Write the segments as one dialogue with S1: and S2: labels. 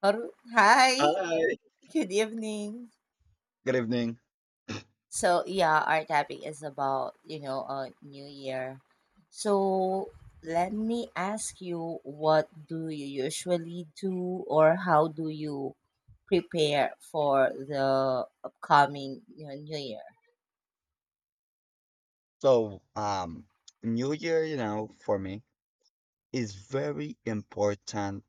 S1: Hi,
S2: Hi,
S1: good evening.
S2: good evening.
S1: So yeah, our topic is about New Year. So let me ask you, what do you usually do, or how do you prepare for the upcoming New Year?
S2: So, um, New Year, you know, for me is very important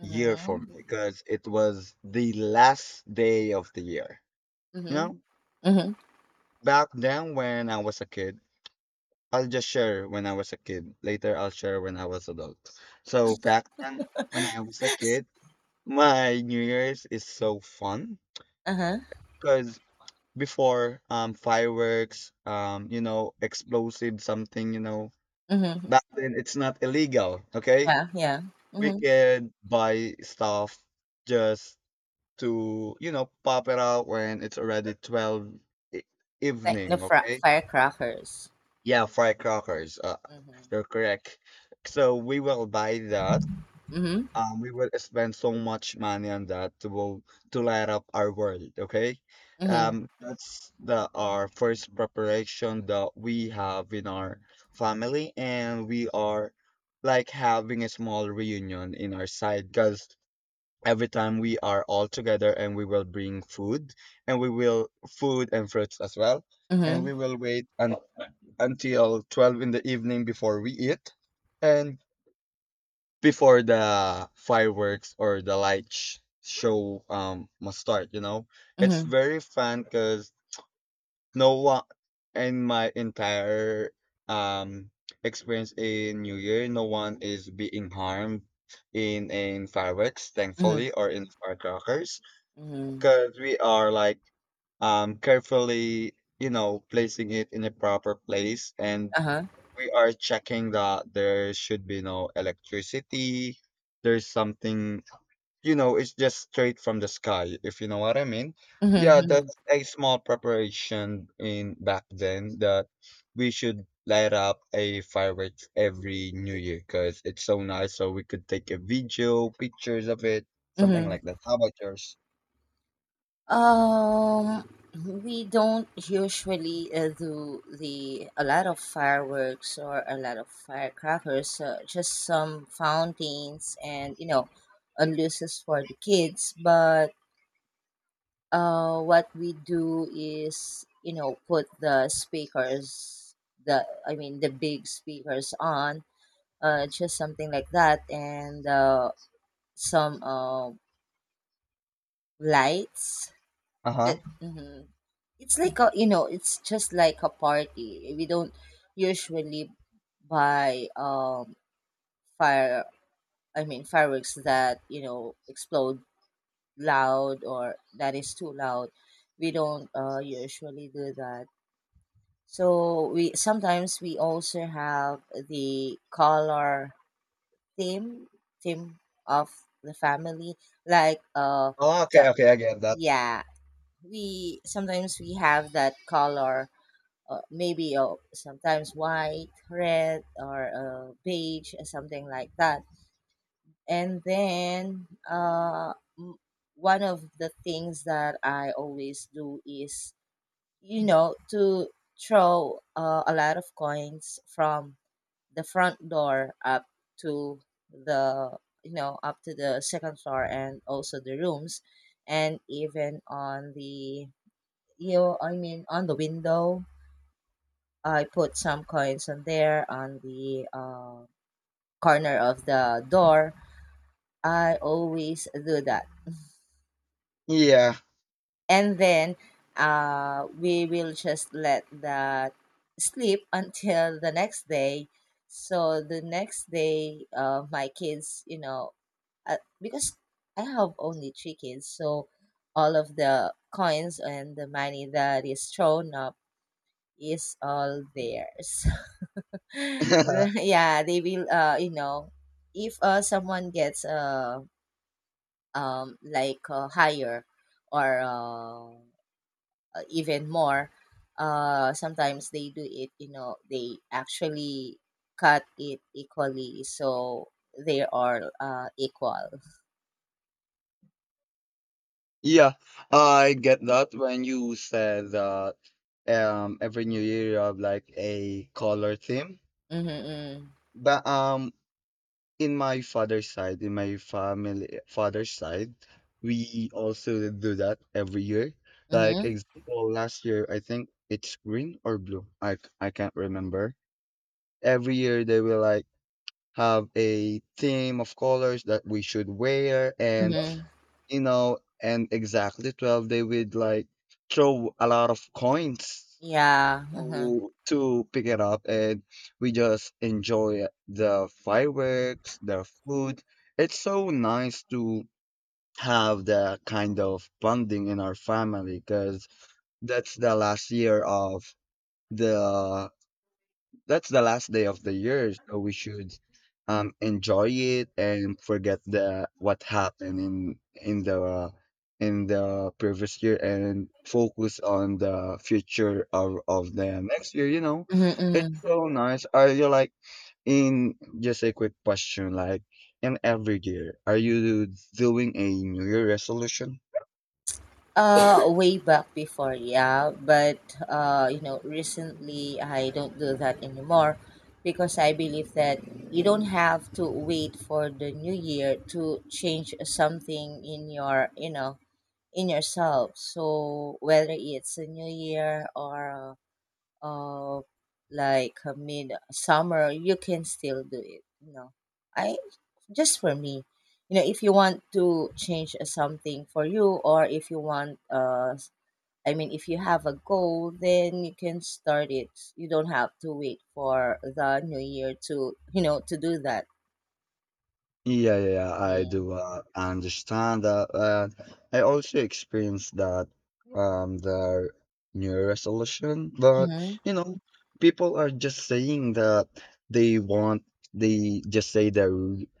S2: year for
S1: Mm-hmm.
S2: me because it was the last day of the year. You
S1: Mm-hmm.
S2: know,
S1: Mm-hmm.
S2: back then when I was a kid, I'll just share when I was a kid. Later, I'll share when I was adult. So back then, when I was a kid, my New Year's is so fun
S1: Uh huh.
S2: because before fireworks you know explosive something you know.
S1: Mm-hmm.
S2: Back then, it's not illegal. Okay,
S1: Yeah. Yeah.
S2: we
S1: Mm-hmm.
S2: can buy stuff just to you know pop it out when it's already 12 e-
S1: Like the
S2: evening. Okay,
S1: firecrackers.
S2: yeah, firecrackers.
S1: Mm-hmm.
S2: You're correct. So we will buy that.
S1: Mm-hmm.
S2: We will spend so much money on that to light up our world. Okay,
S1: Mm-hmm.
S2: that's the our first preparation that we have in our family, and we are like having a small reunion in our side because every time we are all together and we will bring food and we will food and fruits as well, and
S1: Mm-hmm.
S2: we will wait until 12 in the evening before we eat, and before the fireworks or the light show must start you know it's
S1: Mm-hmm.
S2: very fun because no one in my entire um experience in new year no one is being harmed in fireworks
S1: Mm-hmm.
S2: thankfully or in firecrackers
S1: Mm-hmm.
S2: because we are like carefully you know placing it in a proper place and
S1: Uh-huh.
S2: we are checking that there should be no electricity. There's something, you know, it's just straight from the sky, if you know what I mean.
S1: Mhm,
S2: Yeah,
S1: mhm,
S2: that's a small preparation in back then that we should light up a fireworks every New Year because it's so nice. So we could take a video, pictures of it, something
S1: mhm.
S2: like that. How about yours?
S1: Um, we don't usually do the a lot of fireworks or a lot of firecrackers. Just some fountains and, you know, luces for the kids. But what we do is, you know, put the speakers, the I mean the big speakers on. Just something like that, and some lights.
S2: Uh huh.
S1: But, mhm. It's like a, you know, it's just like a party. We don't usually buy fire I mean fireworks that, you know, explode loud or that is too loud. We don't usually do that. So we sometimes we also have the color theme theme of the family like uh
S2: Oh,
S1: so
S2: okay, okay, I get that.
S1: yeah, we sometimes we have that color, maybe sometimes white, red, or beige, or something like that. And then one of the things that I always do is, you know, to throw a lot of coins from the front door up to the up to the second floor, and also the rooms, and even on the, you know, I mean on the window, I put some coins on there on the corner of the door. I always do that.
S2: Yeah.
S1: And then we will just let that sleep until the next day. So the next day, my kids, you know, because I have only three kids, so all of the coins and the money that is thrown up is all theirs. Yeah, they will. You know, if someone gets like higher or even more, sometimes they do it. You know, they actually cut it equally, so they are equal.
S2: Yeah, I get that when you said that every new year you have like a color theme.
S1: Mm-hmm.
S2: But in my father's side, in my family father's side, we also do that every year. Like
S1: Mm-hmm.
S2: example last year I think it's green or blue. I can't remember. Every year they will like have a theme of colors that we should wear
S1: Mm-hmm.
S2: and
S1: Mm-hmm.
S2: you know, and exactly 12, they would like throw a lot of coins
S1: Yeah. Mm-hmm.
S2: to pick it up. And we just enjoy the fireworks, the food. It's so nice to have that kind of bonding in our family because that's the last year of the that's the last day of the year, so we should enjoy it and forget the what happened in the previous year and focus on the future of the next year. You know,
S1: Mm-hmm.
S2: it's
S1: Mm-hmm.
S2: so nice. Are you like in just a quick question, like in every year, are you doing a New Year resolution?
S1: Way back before, yeah, but you know, recently I don't do that anymore because I believe that you don't have to wait for the new year to change something in your, you know, in yourself. So whether it's a new year or uh, like mid summer, you can still do it. You know, I just, for me, you know, if you want to change something for you, or if you want I mean, if you have a goal, then you can start it. You don't have to wait for the new year to, you know, to do that.
S2: Yeah, yeah, yeah, I
S1: Mm.
S2: do understand that. I also experienced that the new Year resolution, but
S1: Hmm.
S2: you know, people are just saying that they want they just say their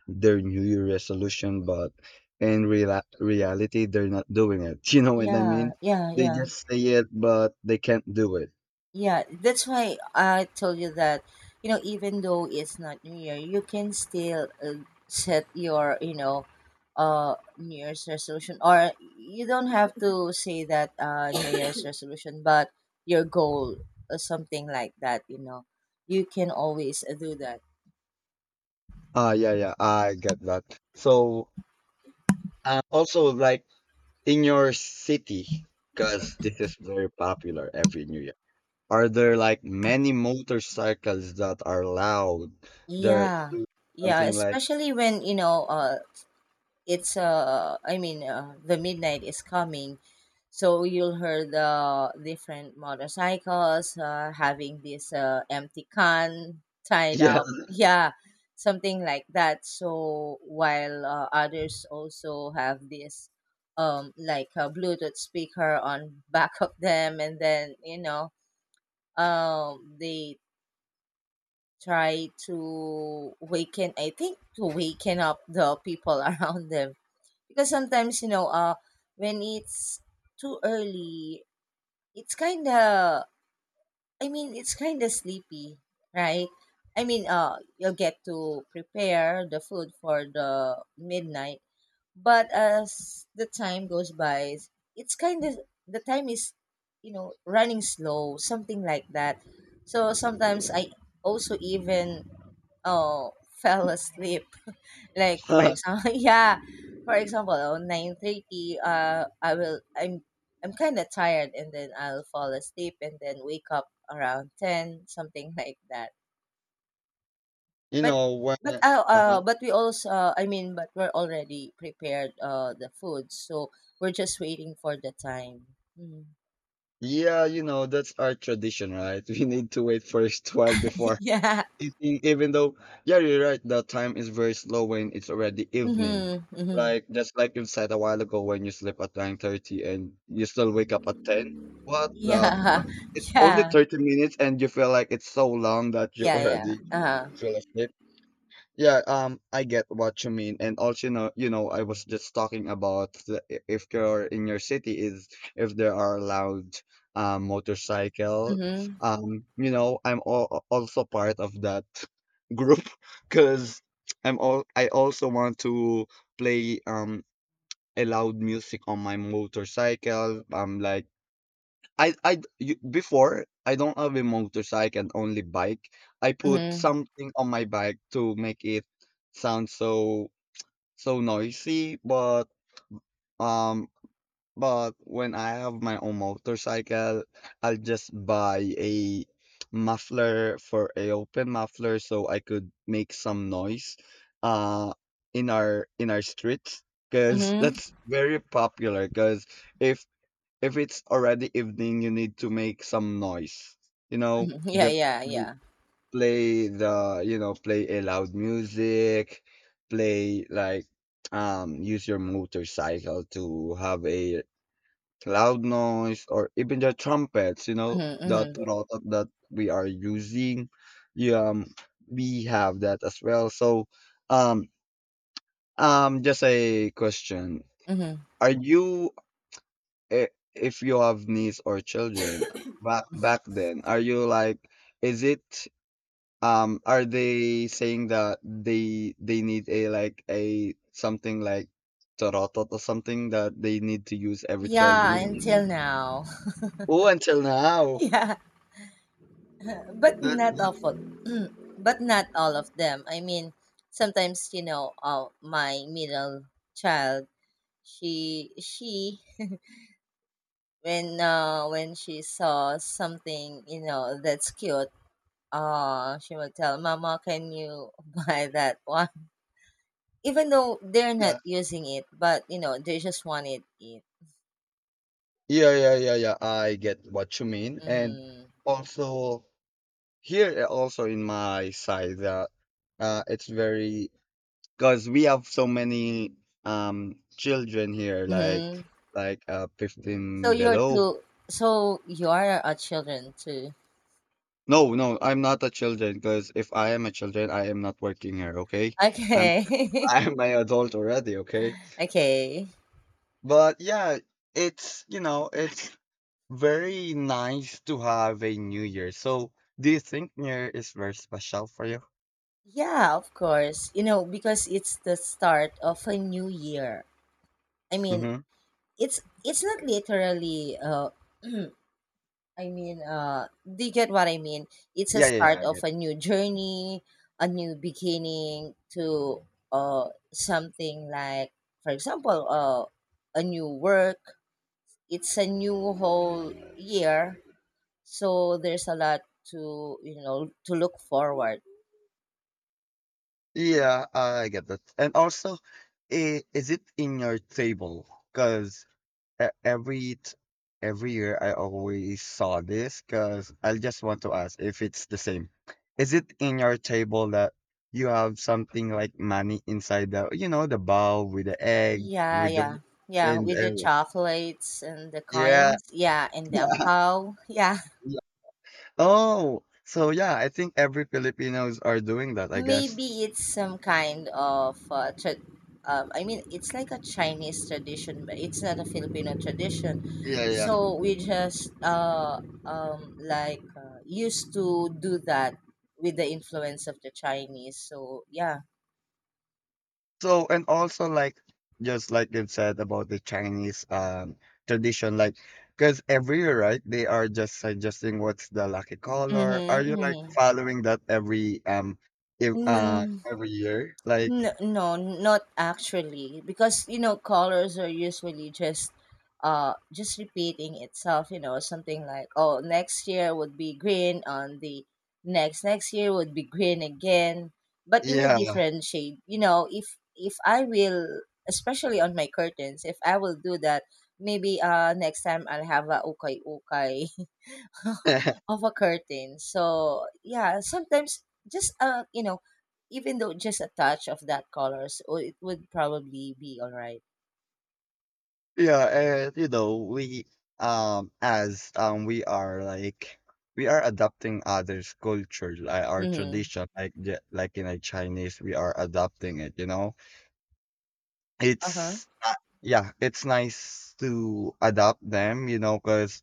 S2: their new year resolution, but in real reality, they're not doing it. You know what I
S1: Yeah,
S2: mean?
S1: yeah,
S2: They
S1: yeah,
S2: just say it, but they can't do it.
S1: yeah. That's why I told you that, you know, even though it's not New Year, you can still set your, you know, New Year's resolution, or you don't have to say that New Year's resolution, but your goal or something like that. You know, you can always do that.
S2: Ah, yeah, yeah, I get that. So also like in your city, because this is very popular every New Year, are there like many motorcycles that are loud? There
S1: Yeah. Yeah,
S2: something like
S1: especially when, you know, it's I mean, the midnight is coming. So you'll hear the different motorcycles having this empty can tied
S2: yeah,
S1: up. Yeah, something like that. So while others also have this like a Bluetooth speaker on back of them, and then, you know, they try to waken I think to waken up the people around them, because sometimes, you know, when it's too early, it's kind of, I mean it's kind of sleepy, right? I mean, you'll get to prepare the food for the midnight, but as the time goes by, it's kind of, the time is, you know, running slow, something like that. So sometimes I also even, oh, fell asleep, like for example yeah, for example on 9:30, I will I'm kind of tired, and then I'll fall asleep and then wake up around 10, something like that.
S2: you
S1: But
S2: know when uh-huh.
S1: but we also, I mean, but we're already prepared the food, so we're just waiting for the time. Mm.
S2: Yeah, you know that's our tradition, right? We need to wait for 12 before
S1: Yeah.
S2: evening, even though yeah, you're right. The time is very slow when it's already evening.
S1: Mm-hmm, mm-hmm.
S2: Like just like you said a while ago, when you sleep at 9:30 and you still wake up at 10. What the?
S1: Yeah.
S2: Like, it's only
S1: Yeah,
S2: 30 minutes, and you feel like it's so long that you
S1: yeah, yeah,
S2: already
S1: uh-huh.
S2: feel asleep. Yeah, I get what you mean, and also, you know, I was just talking about the, if you're in your city, is if there are loud motorcycle,
S1: Mm-hmm,
S2: you know, I'm all, also part of that group because I also want to play a loud music on my motorcycle, like. Before I don't have a motorcycle and only bike. I put
S1: mm-hmm,
S2: something on my bike to make it sound so noisy, but um but when I have my own motorcycle, I'll just buy a muffler for a open muffler so I could make some noise uh in our streets because that's
S1: mm-hmm.
S2: very popular because if if it's already evening, you need to make some noise. You know,
S1: Mhm. Yeah,
S2: just
S1: yeah,
S2: play,
S1: yeah.
S2: play the, you know, play a loud music, play like use your motorcycle to have a loud noise or even the trumpets, you know,
S1: Hmm.
S2: the
S1: Hmm.
S2: trotot that we are using. You we have that as well. So um just a question.
S1: Hmm.
S2: Are you if you have niece or children back then, are you like, is it are they saying that they need a like a something like tarotot or something that they need to use every 12
S1: Yeah,
S2: midnight?
S1: until now.
S2: Oh, until now.
S1: Yeah, but
S2: That,
S1: not
S2: that,
S1: awful. But not all of them. I mean, sometimes, you know, my middle child, she when she saw something, you know, that's cute, she will tell Mama, can you buy that one? Even though they're not
S2: that.
S1: using it, but you know, they just wanted it.
S2: Yeah, yeah, yeah, yeah. I get what you mean. And
S1: Mm-hmm.
S2: also here also in my side that it's very because we have so many children here like
S1: Mm-hmm. So
S2: 15
S1: you're
S2: below.
S1: two so you are a children too.
S2: No no, I'm not a children because if I am a children I am not working here. Okay, I'm
S1: Okay.
S2: I'm an adult already. Okay,
S1: Okay.
S2: but yeah it's you know it's very nice to have a new year so do you think new year is very special for you?
S1: Yeah, of course. You know, because it's the start of a new year. I mean,
S2: Mm-hmm.
S1: it's not literally I mean, do you get what I mean? It's a
S2: Yeah yeah yeah
S1: start
S2: I
S1: of
S2: get,
S1: a new journey, a new beginning to something like, for example, a new work. It's a new whole year. So there's a lot to, you know, to look forward.
S2: yeah I get that and also is it in your table because e- every t- every year I always saw this because I just want to ask if it's the same. Is it in your table that you have something like money inside the you know the bowl with the egg
S1: Yeah,
S2: with the
S1: yeah. Yeah,
S2: and,
S1: with the
S2: and
S1: chocolates and the
S2: yeah.
S1: coins. Yeah, and the ampao. Yeah.
S2: Yeah. Oh, so yeah, I think every Filipinos are doing that, I guess.
S1: Maybe it's some kind of I mean, it's like a Chinese tradition, but it's not a Filipino
S2: Yeah,
S1: tradition.
S2: yeah.
S1: So we just like used to do that with the influence of the Chinese. So yeah.
S2: So and also like just like you've said about the Chinese tradition, like because every year, right, they are just suggesting what's the lucky
S1: Mhm.
S2: color. Are you like
S1: Mm-hmm.
S2: following that every if
S1: Mm.
S2: every year? Like
S1: No, no, not actually, because you know colors are usually just repeating itself. You know, something like, oh, next year would be green on the next year would be green again, but in a
S2: yeah.
S1: different shade. You know, if I will, especially on my curtains, if I will do that, maybe next time I'll have a ukay ukay of a curtain. So yeah, sometimes just you know, even though just a touch of that colors, oh, it would probably be all right.
S2: Yeah, and you know, we as we are like we are adopting others' culture, like our
S1: Mm-hmm.
S2: tradition, like in a Chinese, we are adopting it, you know?
S1: Uh huh.
S2: It's yeah, it's nice to adopt them, you know, because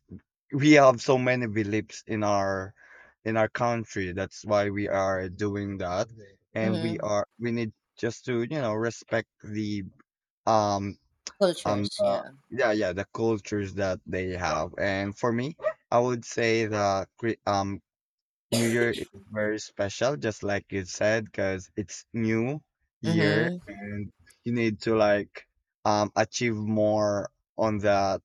S2: we have so many beliefs in our country. That's why we are doing that, and we
S1: Mm-hmm.
S2: are we need just to you know respect the um um
S1: Cultures.
S2: uh,
S1: Yeah.
S2: yeah yeah the cultures that they have. And for me, I would say that New Year is very special, just like you said, because it's new year
S1: Mm-hmm.
S2: and you need to like achieve more on that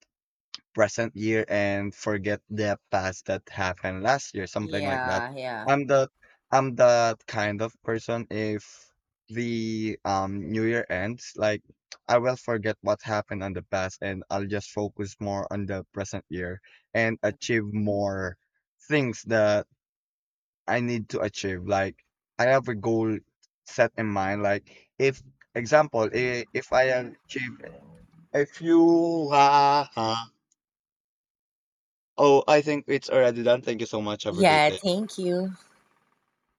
S2: present year and forget the past that happened last year, something like that.
S1: Yeah. Yeah.
S2: I'm the I'm that kind of person if the new year ends, like I will forget what happened on the past and I'll just focus more on the present year and achieve more things that I need to achieve. Like I have a goal set in mind. Like if example, if I achieve a few, ha, ha. Oh, I think it's already done. Thank you so much. Have a great
S1: Yeah.
S2: day.
S1: Thank you.